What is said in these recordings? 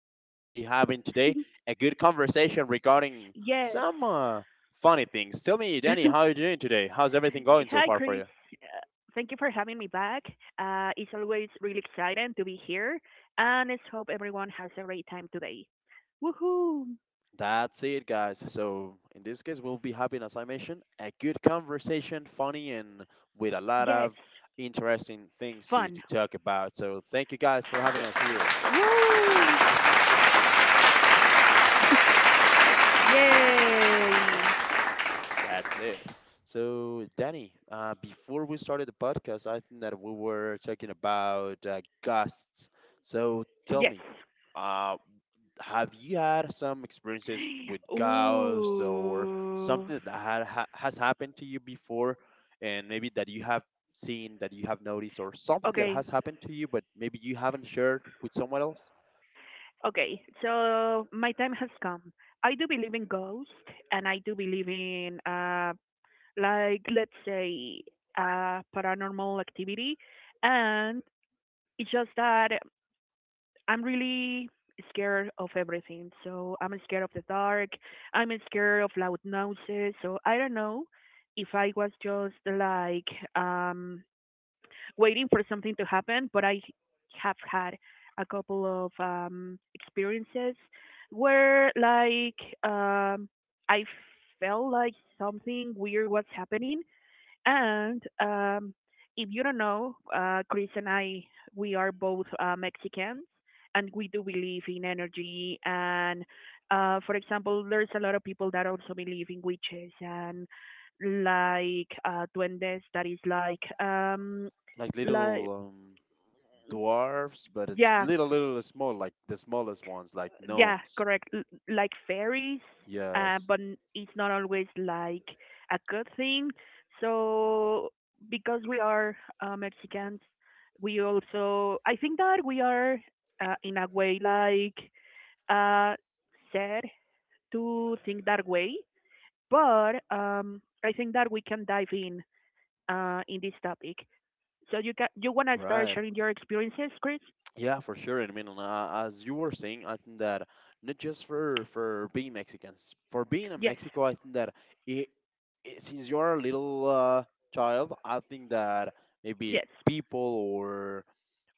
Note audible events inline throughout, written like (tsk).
think that we will be having today a good conversation regarding Yes. some funny things. Tell me, Danny, how are (laughs) you doing today? How's everything going so Hi, far for you? Chris. Thank you for having me back. It's always really exciting to be here, and let's hope everyone has a great time today. Woohoo! That's it, guys. So, in this case, we'll be having, as I mentioned, a good conversation, funny, and with a lot Yes. of interesting things to Fun. talk about. So, thank you guys for having us here. Yes. Woo! Yay! That's it. So, Danny, before we started the podcast, I think that we were talking about ghosts. So, tell Yes. me, uh, have you had some experiences with ghosts or Ooh. something that has happened to you before, and maybe that you have seen, that you have noticed, or something that Okay. has happened to you, but maybe you haven't shared with someone else? Okay. So my time has come. I do believe in ghosts, and I do believe in like let's say paranormal activity, and it's just that I'm really scared of everything. So I'm scared of the dark. I'm scared of loud noises. So I don't know if I was just like um, waiting for something to happen, but I have had a couple of experiences where like I felt like something weird was happening and if you don't know, Chris and I, we are both Mexicans, and we do believe in energy. And for example, there's a lot of people that also believe in witches and like duendes, that is Like little like, dwarfs, but it's yeah. little, little small, like the smallest ones, like Yeah, gnomes. correct. Like fairies, Yes, but it's not always like a good thing. So because we are Mexicans, we also I think that we are in a way like uh, sad to think that way. But I think that we can dive in this topic. So you can you wanna start right. sharing your experiences, Chris? Yeah, for sure. And I mean, as you were saying, I think that not just for being Mexicans, for being in Yes, Mexico, I think that it, since you are a little child, I think that maybe yes, people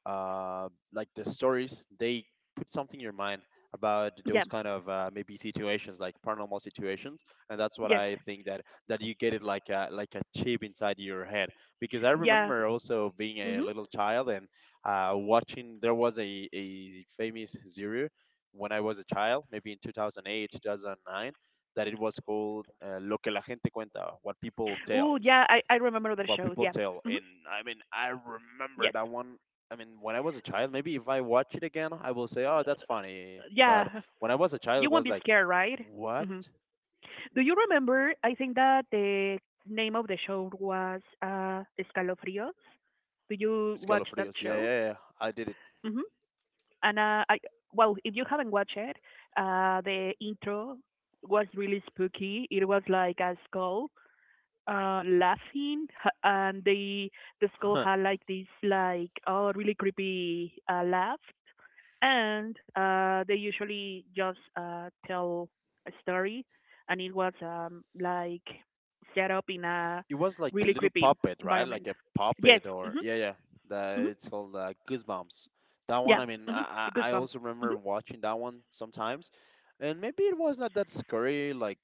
like the stories, they put something in your mind about yeah, those kind of maybe situations, like paranormal situations, and that's what yes, I think, that you get it like a chip inside your head, because I yeah. remember also being a hmm little child and watching, there was a famous series when I was a child, maybe in 2008 2009, that it was called lo que la gente cuenta, what people Oh, yeah, tells, I remember that what show. people Yeah. tell. hmm And I mean, I remember Yes. that one. I mean, when I was a child, maybe if I watch it again, I will say, "Oh, that's funny." But Yeah. when I was a child, You it won't was be like, scared, right? "What?" hmm Do you remember? I think that the name of the show was Escalofrios. Do you watch that Escalofrios. Yeah, show? yeah, yeah. I did it. hmm And well, if you haven't watched it, the intro was really spooky. It was like a skull laughing, and they the skull Huh. had like this like oh really creepy laugh, and they usually just tell a story, and it was like set up in a It was like the really little creepy puppet, right? Like environment. a Yes. puppet, or Mhm. yeah, yeah. The Mhm. it's called Goosebumps. That one. Yeah. I mean, Mhm. I also Goosebumps. remember Mhm. watching that one sometimes, and maybe it was not that scary, like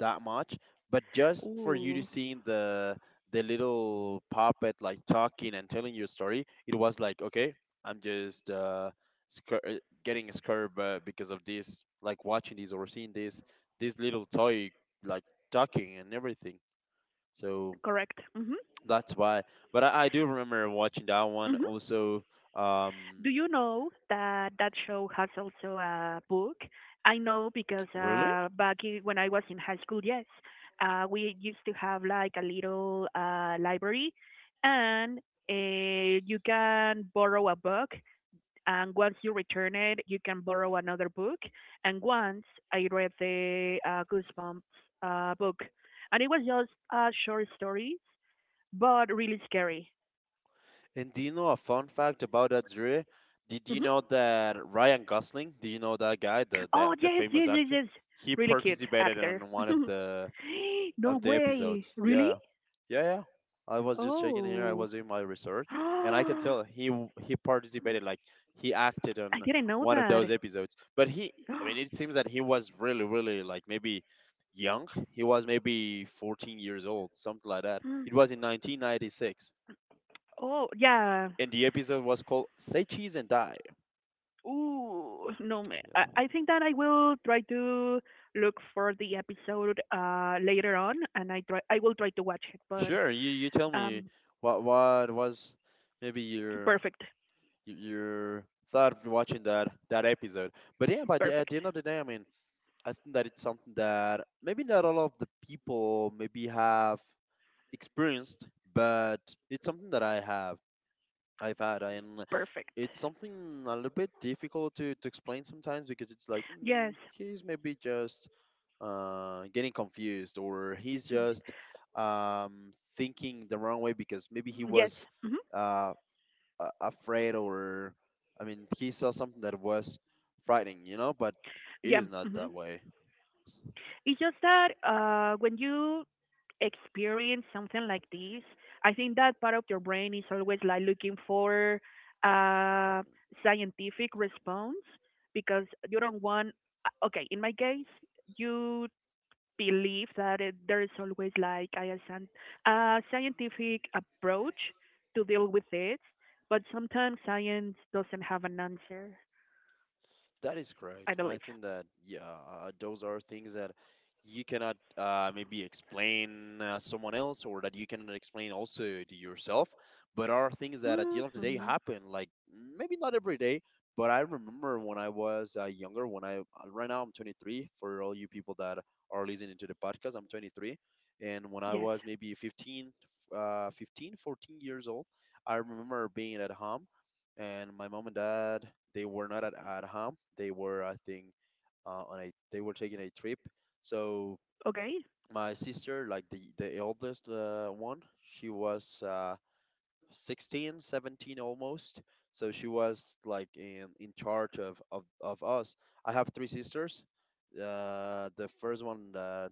that much, but just for you to Ooh. seeing the little puppet like talking and telling your story. It was like, okay, I'm just getting scared because of this, like watching this or seeing this little toy like talking and everything. So Correct. Mhm. that's why. But I do remember watching that one Mhm. also. Um, Do you know that that show has also a book? I know because (tsk) really? Back, when I was in high school, yes, we used to have like a little library, and you can borrow a book. And once you return it, you can borrow another book. And once I read the Goosebumps book, and it was just short stories, but really scary. And do you know a fun fact about Azure? Did you Mm-hmm. know that Ryan Gosling, do you know that guy, the, the Oh the yes, famous yes, yes, actor? yes. He Really cute participated actor. in one (laughs) No of the way. episodes. Really? Yeah. Yeah, yeah. I was just checking here. I Oh. was doing my (gasps) research, and I can I tell he participated, like he acted on didn't know one of that. those episodes. But he I mean, it (gasps) seems that he was really, really like, maybe young. He was maybe 14 years old, something like that. It was in 1996, Oh yeah. and the episode was called "Say Cheese and Die." Ooh, no. I, Yeah. I think that I will try to look for the episode later on, and I try. I will try to watch it. But Sure, you tell me um, what was maybe your perfect, your thought of watching that episode. But yeah, but at the perfect, end of the day, I mean, I think that it's something that maybe not all of the people maybe have experienced, but it's something that I've had, and. perfect. It's something a little bit difficult to explain sometimes, because it's like Yes, he's maybe just getting confused, or he's just thinking the wrong way, because maybe he yes. was hmm uh, afraid, or I mean, he saw something that was frightening, but it Yeah. is not that way. It's just that when you experience something like this, I think that part of your brain is always like looking for a Right. scientific response because you don't want. Okay, in my case, you believe that there is always like a scientific approach to deal with it, but sometimes science doesn't have an answer. That is I correct. I believe. think that yeah, those are things that you cannot maybe explain someone else, or that you cannot explain also to yourself. But are things that at the end of the day hmm happen. Like maybe not every day, but I remember when I was younger. When I right now I'm 23. For all you people that are listening to the podcast, I'm 23, and when I Yes. was maybe 15, 15, 14 years old, I remember being at home and my mom and dad, they were not at home. They were, I think, on a they were taking a trip. So Okay. my sister, like the eldest one, she was 16, 17 almost. So she was like in charge of us. I have three sisters. The first one that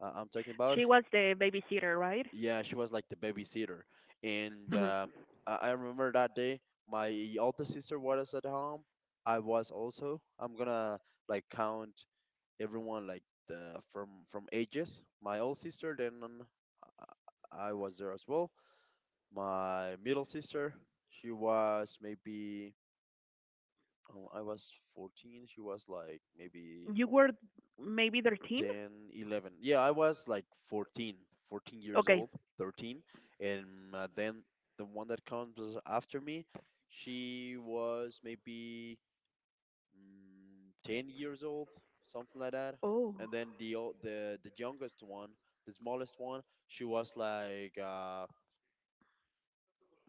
I'm talking about, She was the babysitter, right? yeah, she was like the babysitter, and hmm I remember that day, my older sister was at home. I was also. I'm gonna like count everyone, like the from ages. My old sister, then I was there as well. My middle sister, she was maybe, oh, I was 14. She was like maybe You were maybe 13? 10, 11. Yeah, I was like 14 years Okay. old, 13. And then the one that comes after me, she was maybe 10 years old, something like that. Oh, And then the youngest one, the smallest one, she was like uh,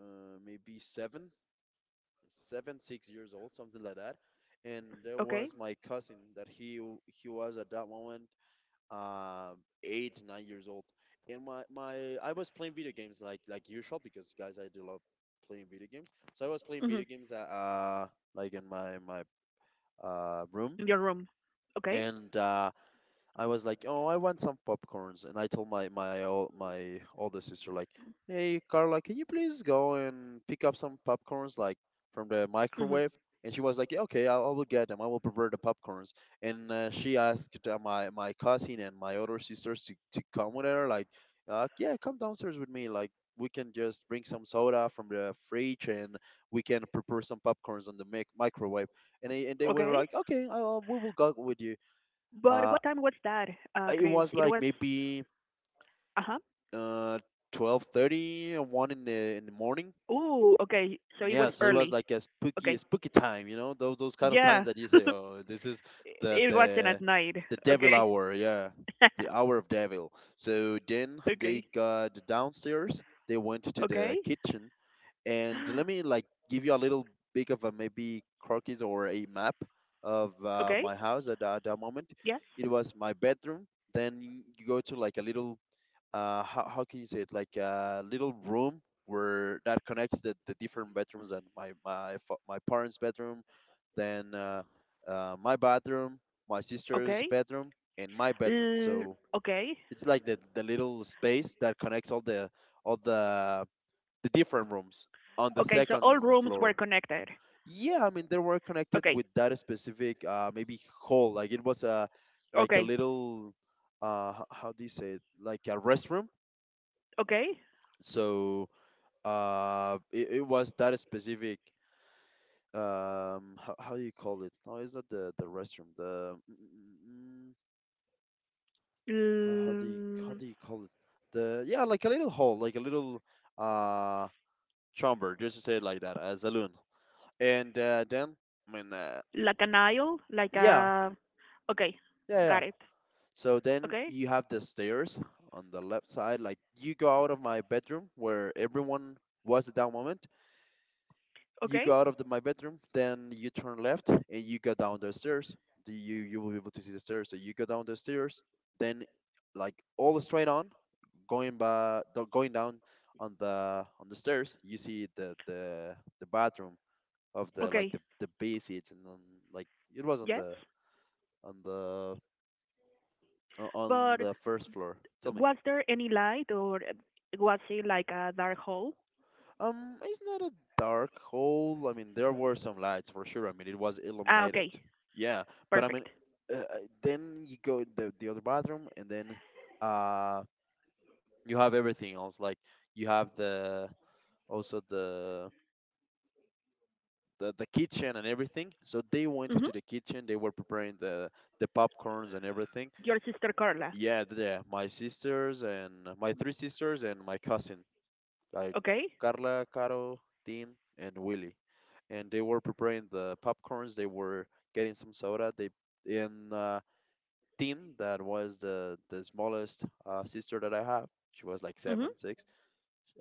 uh, maybe seven, 6 years old, something like that. And there okay. was my cousin that he was at that moment, um, 8 or 9 years old, and my I was playing video games like usual, because guys, I do love playing video games. So I was playing hmm video games like in my room In your room. Okay. and. I was like, "Oh, I want some popcorns," and I told my older sister, like, "Hey, Carla, can you please go and pick up some popcorns, like from the hmm microwave?" And she was like, "Yeah, okay, I will get them. I will prepare the popcorns." And she asked my cousin and my other sisters to come with her, like, "Yeah, come downstairs with me. Like, we can just bring some soda from the fridge and we can prepare some popcorns on the mic- microwave." And they were Okay. like, "Okay, we will go with you." But Uh, what time was that, uh, it Chris? was It like was, maybe uh huh. uh 12:30 or 1 in the morning. Ooh, okay. So it was Yeah, so it was early. like a Okay. spooky time, those kind of times Yeah. that you say, (laughs) "Oh, this is the It wasn't the at night. the devil Okay. (laughs) hour." Yeah. The hour of devil. So then they Okay. got downstairs, they went to Okay. the kitchen, and let me (gasps) like give you a little bit of a, maybe, croquis or a map of Okay. my house at that moment. Yes. It was my bedroom. Then you go to like a little how can you say it, like a little room where that connects the different bedrooms and my parents bedroom, then my bathroom, my sister's Okay. bedroom, and my bedroom. L- So okay. it's like the little space that connects all all the the different rooms on the Okay. So all second rooms were floor. connected. Yeah, I mean, they were connected Okay. with that specific maybe hall, like it was a like Okay. a little how do you say it, like a restroom. Okay. So it was that specific. How do you call it? No, it's not the restroom, the how, L- how do you call it? The, yeah, like a little hole, like a little uh chamber, just to say it like that, a saloon, and then, I mean, like an aisle, like yeah, a. Okay, yeah, yeah. got it. So then Okay, you have the stairs on the left side. Like you go out of my bedroom where everyone was at that moment. You okay, go out of my bedroom, then you turn left and you go down the stairs. The, you will be able to see the stairs. So you go down the stairs, then like all straight on, going down on the stairs, you see the bathroom of the like okay. The B seats, and on, like it was on Yes, on the on but the first floor. Tell me. was there any light or was it like a dark hole? It's not a dark hole. I mean, there were some lights for sure. I mean, it was Ah, illuminated. okay, Yeah, but I mean, perfect. uh, uh, then you go in the other bathroom, and then uh, you have everything else. Like you have the also the kitchen and everything. So they went Mhm. to the kitchen. They were preparing the popcorns and everything. Your sister Carla. Yeah. My three sisters and my cousin, like Okay. Carla, Caro, Dean, and Willie. And they were preparing the popcorns. They were getting some soda. They and Dean, that was the smallest sister that I have. She was like Mhm. seven, six.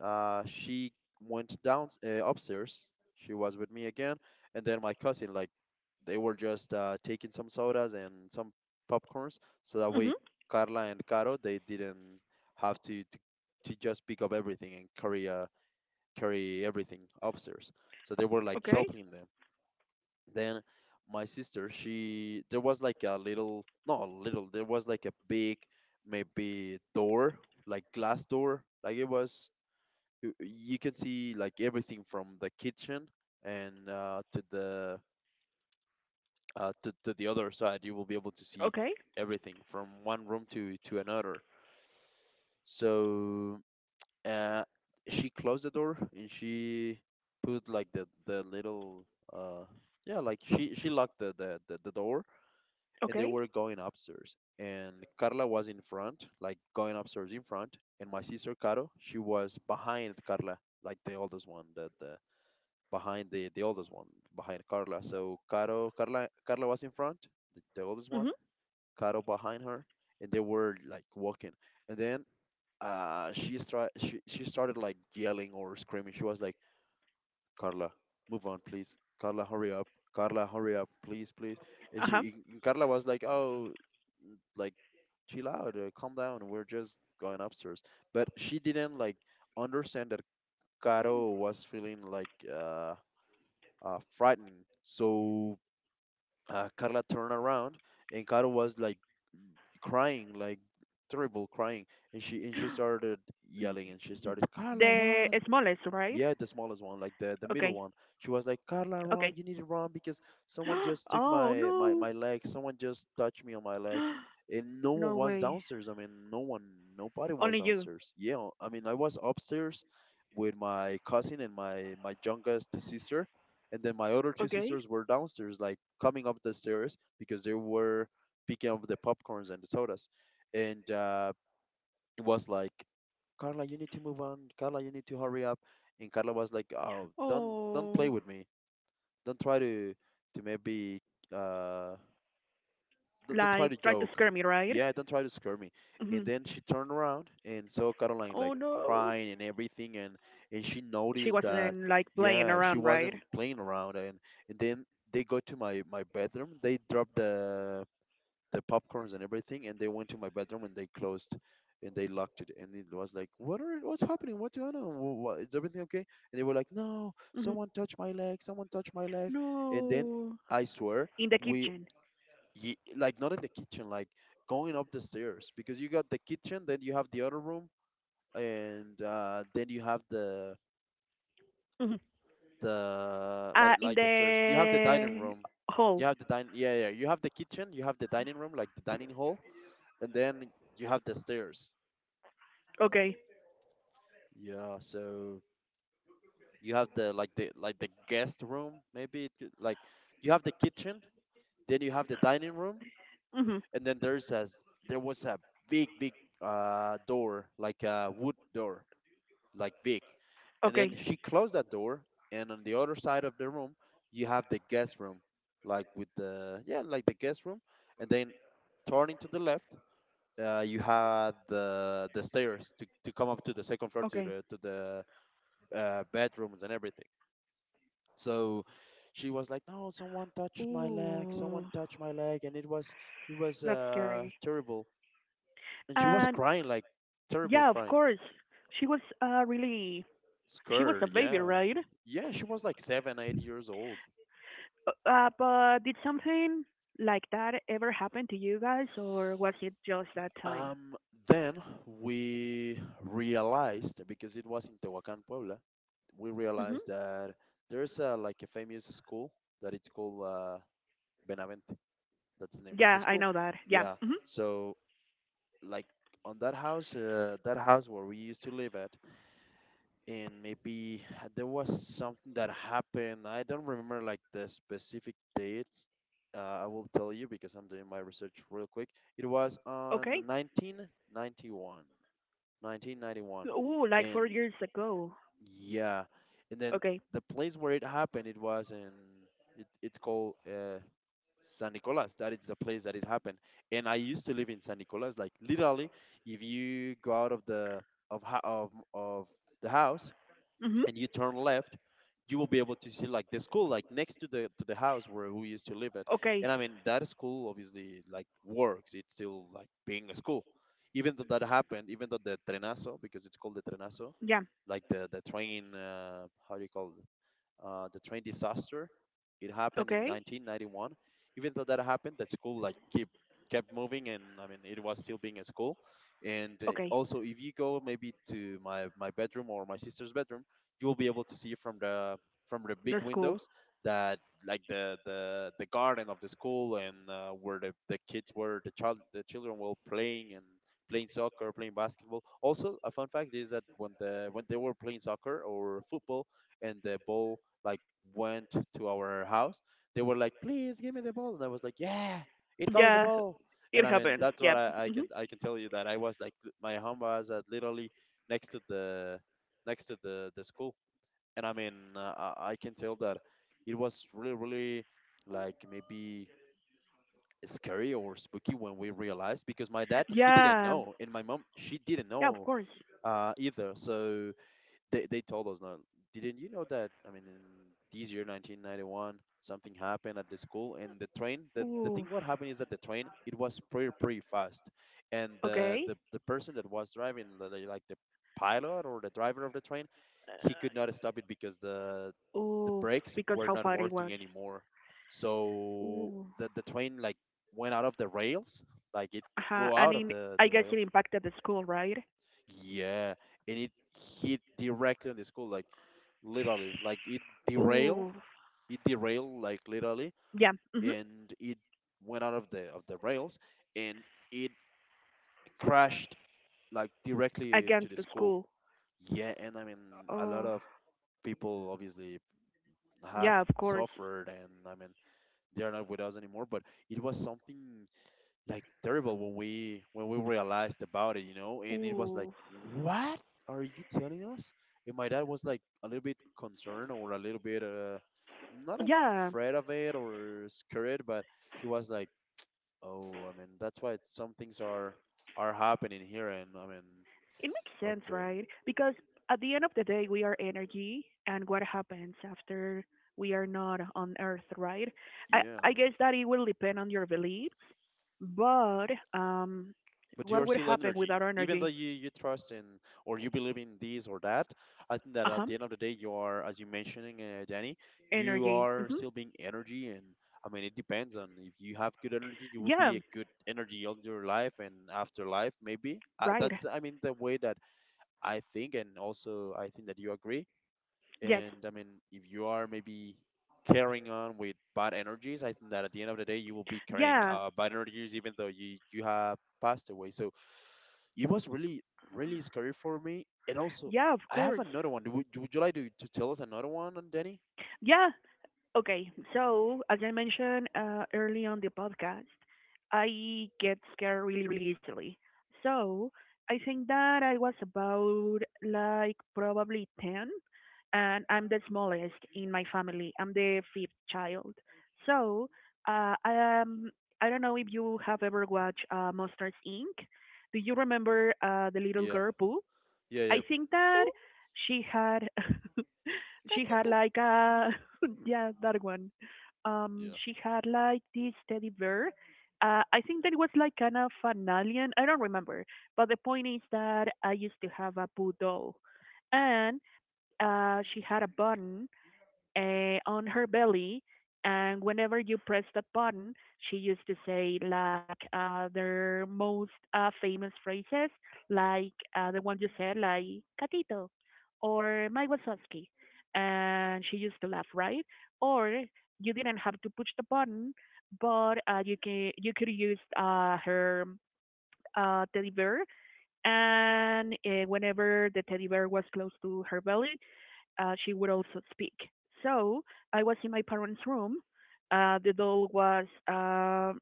She went down upstairs. She was with me again, and then my cousin. Like they were just taking some sodas and some popcorns, so that way Mhm. Carla and Caro they didn't have to just pick up everything and carry carry everything upstairs. So they were like Okay. helping them. Then my sister, she there was like a little, not a little, there was like a big, maybe door, like glass door. Like it was, you can see like everything from the kitchen, and to the to the other side you will be able to see Okay. everything from one room to another. So uh she closed the door and she put like the little, uh yeah, like she locked the door. And they Okay. were going upstairs, and Carla was in front, like going upstairs in front, and my sister Caro, she was behind Carla, like the oldest one, the behind the oldest one, behind Carla. So caro carla carla was in front, the oldest one, Mhm. Caro behind her, and they were like walking, and then she stri- she started like yelling or screaming. She was like, Carla, move on, please. Carla, hurry up. Carla, hurry up, please, please. and Uh huh. she and Carla was like, oh, like chill out, calm down, we're just going upstairs. But she didn't like understand that. Caro was feeling like frightening. So Carla turned around, and Caro was like crying, like terrible crying. And she (gasps) started yelling, and she started, Carla, The run! smallest, right? Yeah, the smallest one, like the middle Okay. one. She was like, Carla, run! Okay. You need to run because someone (gasps) just took Oh my my no. my leg. Someone just touched me on my leg, and no (gasps) one No was way. downstairs. I mean, no one, nobody Only was you. downstairs. Yeah, I mean, I was upstairs with my cousin and my youngest sister, and then my other two Okay. sisters were downstairs, like coming up the stairs because they were picking up the popcorns and the sodas. And it was like, Carla, you need to move on. Carla, you need to hurry up. And Carla was like, oh, don't play Oh, with me. Don't try to maybe uh don't try like to tried to joke. scare me, right? Yeah, don't try to scare me. hmm And then she turned around and saw Caroline Oh like no, crying and everything, and she she noticed that, wasn't like playing yeah, she around, right? wasn't playing around. And then they go to my bedroom. They dropped the popcorns and everything, and they went to my bedroom, and they closed and they locked it. And it was like, what's happening, what's going on? Is everything okay? And they were like, no, someone hmm touched my leg, someone touched my leg. And then No, I swear, in the we kitchen. Like, not in the kitchen, like going up the stairs, because you got the kitchen, then you have the other room, and then you have hmm the like in like the stairs. You have the dining the room, you hall. have the dining, yeah, yeah, yeah. You have the kitchen, you have the dining room, like the dining hall, and then you have the stairs. Okay. Yeah, so you have the guest room, maybe like you have the kitchen, then you have the dining room, hmm and then there was a big door, like a wood door, like big, and then Okay. she closed that door. And on the other side of the room you have the guest room, like, with the, yeah, like the guest room, and then, turning to the left, you had the stairs to come up to the second floor, Okay. To the bedrooms and everything. So she was like, "No, someone touched my leg. Ooh, Someone touched my leg," and it was it was that's uh, scary. terrible. And she was And crying like terrible yeah, of crying, course, she was really, she was a scared. baby, Yeah, right? yeah. She was like seven, 8 years old. But did something like that ever happen to you guys, or was it just that time? Um, then we realized, because it was in Tehuacan, Puebla, we hmm realized that there's a, like a famous school that it's called, Benavente. That's the name of the Yeah, I school. know that. Yeah. Yeah. So like on that house where we used to live at, and maybe there was something that happened. I don't remember like the specific dates. I will tell you because I'm doing my research real quick. It was Okay. on 1991, 1991, Ooh, like and 4 years ago. yeah, and then Okay. the place where it happened, it was in. It's called, San Nicolas. That is the place that it happened. And I used to live in San Nicolas. Like, literally, if you go out of the of ho- of the house hmm and you turn left, you will be able to see, like, the school, like, next to the house where we used to live at. Okay. And I mean that school obviously like works. It's still like being a school. Even though that happened, even though the trenazo, because it's called the trenazo, Yeah. like the train, how do you call, the train disaster. It happened in Okay. 1991. Even though that happened, that school like keep kept moving, and I mean it was still being a school. And Okay. also, if you go maybe to my bedroom or my sister's bedroom, you will be able to see from the big That's cool. windows, that, like, the garden of the school and where the kids were, the children were playing and playing soccer, playing basketball. Also, a fun fact is that when the when they were playing soccer or football and the ball like went to our house, they were like, "Please give me the ball," and I was like, "Yeah, it goes the Yeah, ball." And it I mean, happens. that's what Yep. Hmm I can tell you, that I was like, my home was at literally next to the next to the school. And I mean I can tell that it was really, really, like maybe scary or spooky when we realized, because my dad, he didn't Yeah. know, and my mom, she didn't Yeah, of know, course. Either. So they told us, no, didn't you know that? I mean, in this year, 1991, something happened at the school, and the train. The thing Oof. what happened is that the train, it was pretty, pretty fast, and the Okay. the the person that was driving, like, the pilot or the driver of the train, he could not stop it because the Oof. brakes Because were how not far it was. working anymore. So Ooh. the train like went out of the rails, like it Uh-huh. go I out of mean, the I the guess it rails, impacted the school, right? yeah, and it hit directly on the school, like literally, like derail, Ooh. it derail, like literally, Yeah. And it went out of the rails, and it crashed like directly to Against the the school. school. Yeah, and I mean a lot Oh. of people obviously have Yeah, of course. suffered, and I mean they are not with us anymore, but it was something like terrible when we realized about it, you know. And it was like, Ooh. what are you telling us? And my dad was like a little bit concerned or a little bit not Yeah. afraid of it or scared, but he was like, oh, I mean, that's why some things are happening here. And I mean, It makes sense, okay, right? Because at the end of the day, we are energy, and what happens after we are not on Earth, right? I, yeah, I guess that it will depend on your beliefs, but um, but what you're would still happen energy without even though energy? You trust in, or you believe in this or that. I think that Uh at the huh. end of the day you are, as you mentioning, Danny, you Energy. are still being energy, and I mean it depends on, if you have good energy you will Yeah, be a good energy all your life and after life, maybe, right. that's, I mean, the way that I think, and also I think that you agree. Yes. And I mean, if you are maybe carrying on with bad energies, I think that at the end of the day, you will be carrying Yeah. Bad energies even though you have passed away. So it was really, really scary for me. And also, Yeah, of I have course. another one. Would you like to, tell us another one, Danny? Yeah, okay, so as I mentioned early on the podcast, I get scared really, really easily. So I think that I was about like probably 10, and I'm the smallest in my family. I'm the fifth child. So uh, I, um, I don't know if you have ever watched Monsters Inc. Do you remember the little Yeah. girl Pooh? Yeah, yeah, I think that she had (laughs) she had like a (laughs) yeah, that one. She had like this teddy bear. I think that it was like kind of an alien. I don't remember, but the point is that I used to have a poo doll, and she had a button on her belly, and whenever you press the button, she used to say like their most famous phrases, like the one you said, like "catito" or "my Wazowski," and she used to laugh, right? Or you didn't have to push the button, but you could use her teddy bear, and whenever the teddy bear was close to her belly, she would also speak. So I was in my parents' room. The doll was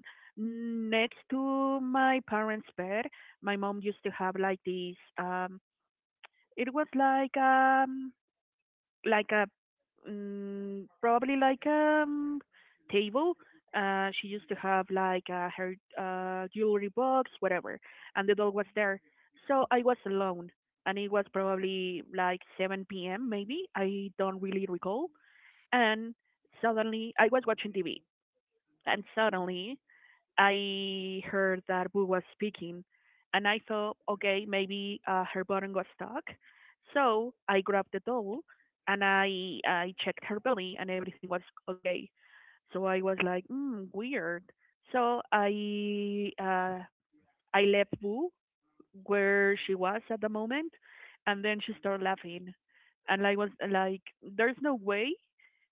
next to my parents' bed. My mom used to have like these. It was like a probably like a table. She used to have like her jewelry box, whatever, and the dog was there. So I was alone, and it was probably like 7 p.m. Maybe I don't really recall. And suddenly I was watching TV, and suddenly I heard that Boo was speaking, and I thought, okay, maybe her button was stuck. So I grabbed the doll, and I checked her belly, and everything was okay. So I was like, weird. So I left Boo where she was at the moment, and then she started laughing, and I was like, "There's no way,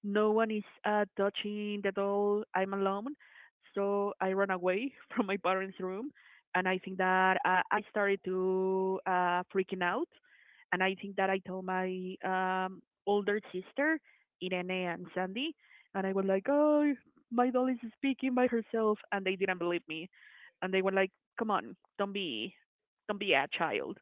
no one is touching the doll. I'm alone." So I ran away (laughs) from my parents' room, and I think that I started to freaking out, and I think that I told my older sister, Irene and Sandy, and I was like, "Oh, my doll is speaking by herself," and they didn't believe me, and they were like, "Come on, don't be a child."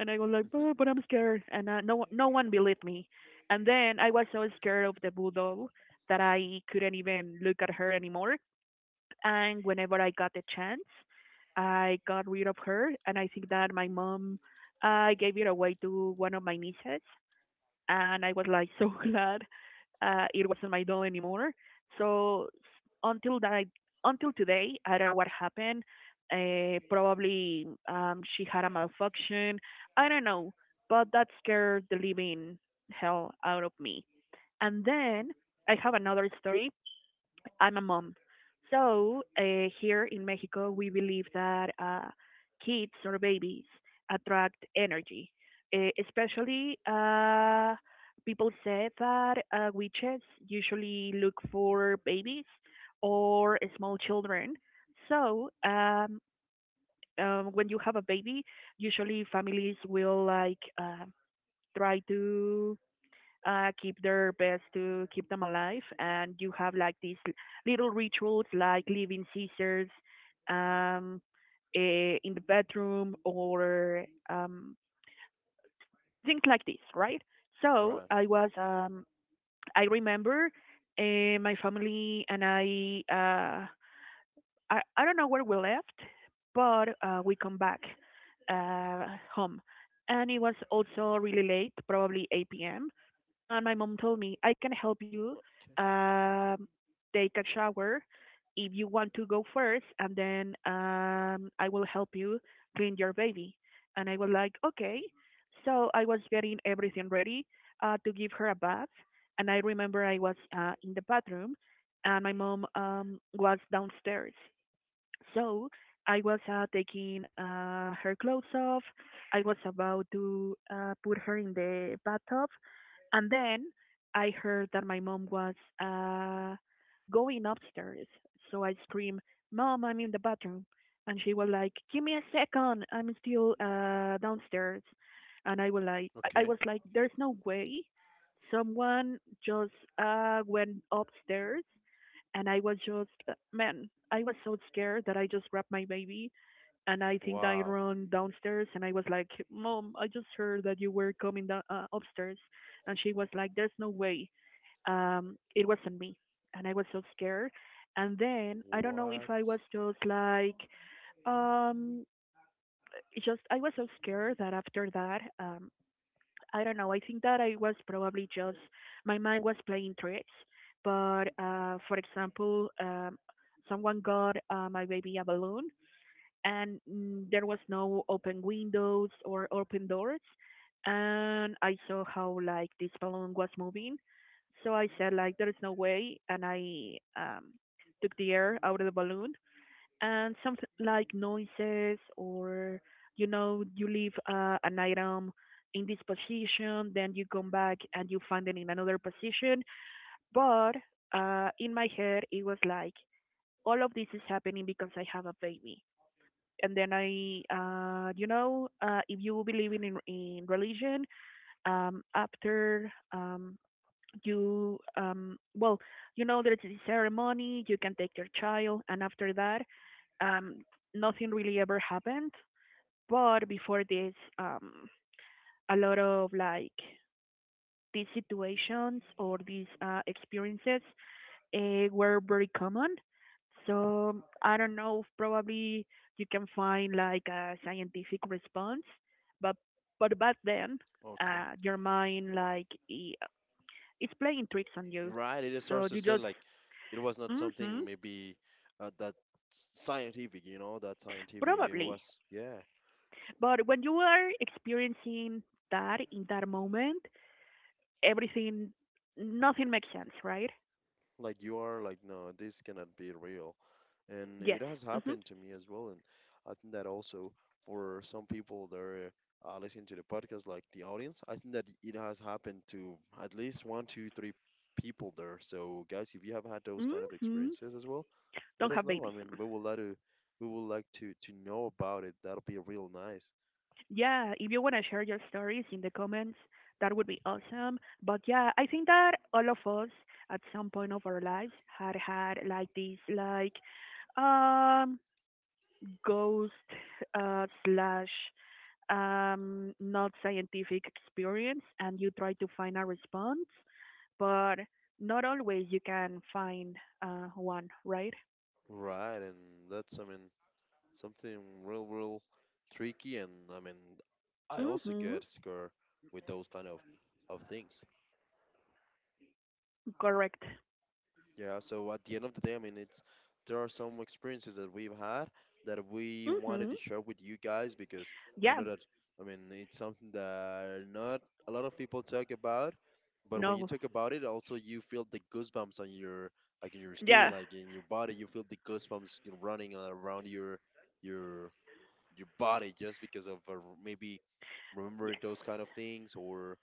And I was like, yeah. "But, I'm scared," and no one believed me. And then I was so scared of the voodoo that I couldn't even look at her anymore. And whenever I got the chance, I got rid of her, and I think that my mom I gave it away to one of my nieces, and I was like so (laughs) glad it wasn't my doll anymore. So until that, until today, I don't know what happened. Probably she had a malfunction. I don't know, but that scared the living hell out of me. And then I have another story. I'm a mom. So here in Mexico, we believe that kids or babies attract energy. Especially, people say that witches usually look for babies or small children. So when you have a baby, usually families will like try to keep their best to keep them alive. And you have like these little rituals like leaving scissors um, in the bedroom, or things like this, right? So (laughs) Right. I remember my family and I, I don't know where we left, but we come back uh, home. And it was also really late, probably 8 p.m. and my mom told me, I can help you Okay. um, take a shower if you want to go first, and then I will help you clean your baby. And I was like, okay. So I was getting everything ready to give her a bath. And I remember I was in the bathroom, and my mom was downstairs. So I was taking her clothes off. I was about to put her in the bathtub, and then I heard that my mom was uh, going upstairs. So I screamed, "Mom, I'm in the bathroom!" And she was like, "Give me a second, I'm still downstairs." And Okay. "I was like, there's no way someone just went upstairs and I was just man, I was so scared that I just grabbed my baby and I think I Wow. ran downstairs and I was like, "Mom, I just heard that you were coming down, upstairs," and she was like, "There's no way, it wasn't me," and I was so scared. And then I don't know if What? I was just like, um, just I was so scared that after that, I don't know. I think that I was probably just my mind was playing tricks. But for example, someone got my baby a balloon, and there was no open windows or open doors, and I saw how like this balloon was moving. So I said like there is no way, and I took the air out of the balloon and something like noises or you know you leave an item in this position then you come back and you find it in another position but in my head it was like all of this is happening because I have a baby and then I if you believe in religion after you well you know there's a ceremony you can take your child and after that um nothing really ever happened but before this um a lot of like these situations or these experiences were very common so I don't know probably you can find like a scientific response but but back then your mind like it's playing tricks on you. Right, it just So starts to you say just, like it was not mm-hmm, something maybe that scientific, you know, that scientific. It probably. was, yeah. But when you are experiencing that in that moment, everything, nothing makes sense, right? Like you are like, no, this cannot be real. And Yes. it has Mm-hmm. happened to me as well. And I think that also, for some people that are listening to the podcast, like the audience, I think that it has happened to at least one, two, three people there. So guys, if you have had those kind of Mm-hmm. experiences as well, let Don't have us know. I babies. mean, we would like to know about it. That'll be real nice, Yeah, if you want to share your stories in the comments, that would be awesome. But yeah, I think that all of us at some point of our lives had had like this, like, um, ghost slash not scientific experience and you try to find a response, but not always you can find one, right? right? And that's, I mean, something real, real tricky. And I mean, I also Mm-hmm. get scared with those kind of things. Correct. Yeah, so at the end of the day, I mean, it's there are some experiences that we've had that we Mm-hmm. wanted to share with you guys, because I Yeah. know that, I mean, it's something that not a lot of people talk about, but when you No. talk about it, also you feel the goosebumps on your like, in your skin, Yeah. like, in your body, you feel the goosebumps, you know, running around your your body just because of, maybe Yes. remembering those kind of things, or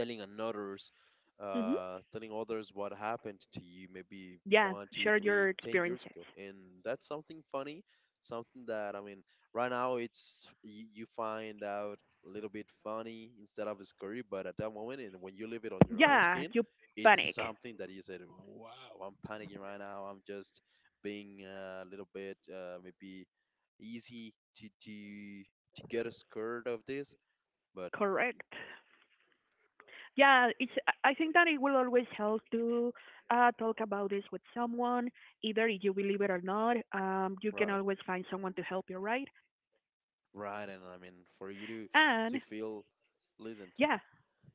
telling others, Mm-hmm. Telling others what happened to you maybe Yeah. one two Share your three ten years experiences. ago. And that's something funny, something that, I mean, right now, it's, you find out a little bit funny instead of scary, but at that moment, and when you live it on your own Yeah. skin, You it's panic. something that you said, wow, I'm panicking right now. I'm just being a little bit maybe easy to get scared of this, but Correct. Yeah. It's. I think that it will always help to talk about this with someone, either if you believe it or not. You can right. always find someone to help you, right? Right, and I mean for you to And feel listened, yeah,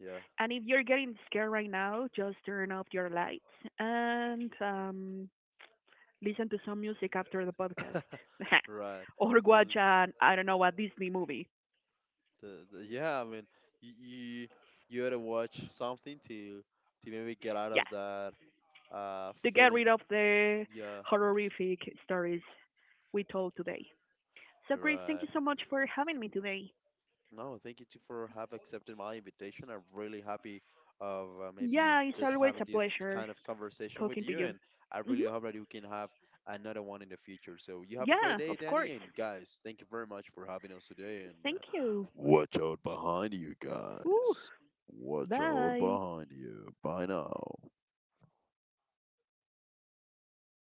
yeah, and if you're getting scared right now, just turn off your lights and listen to some music after the podcast. (laughs) right, Or watch listened. an, I don't know, a Disney movie. Yeah, I mean you you you had to watch something to maybe get out Yeah, of that to get feeling. rid of the Yeah, horrific stories we told today. So, Chris, thank right. you so much for having me today. No, thank you too for have accepted my invitation. I'm really happy of, maybe Yeah, it's just always having a this pleasure kind of conversation with talking to you, you. and I hmm really hope that you can have another one in the future. So you have a great Yeah, day, of Danny, course. and guys, thank you very much for having us today. And Thank you. watch out behind you, Ooh, guys. Watch out bye. behind you. Bye now.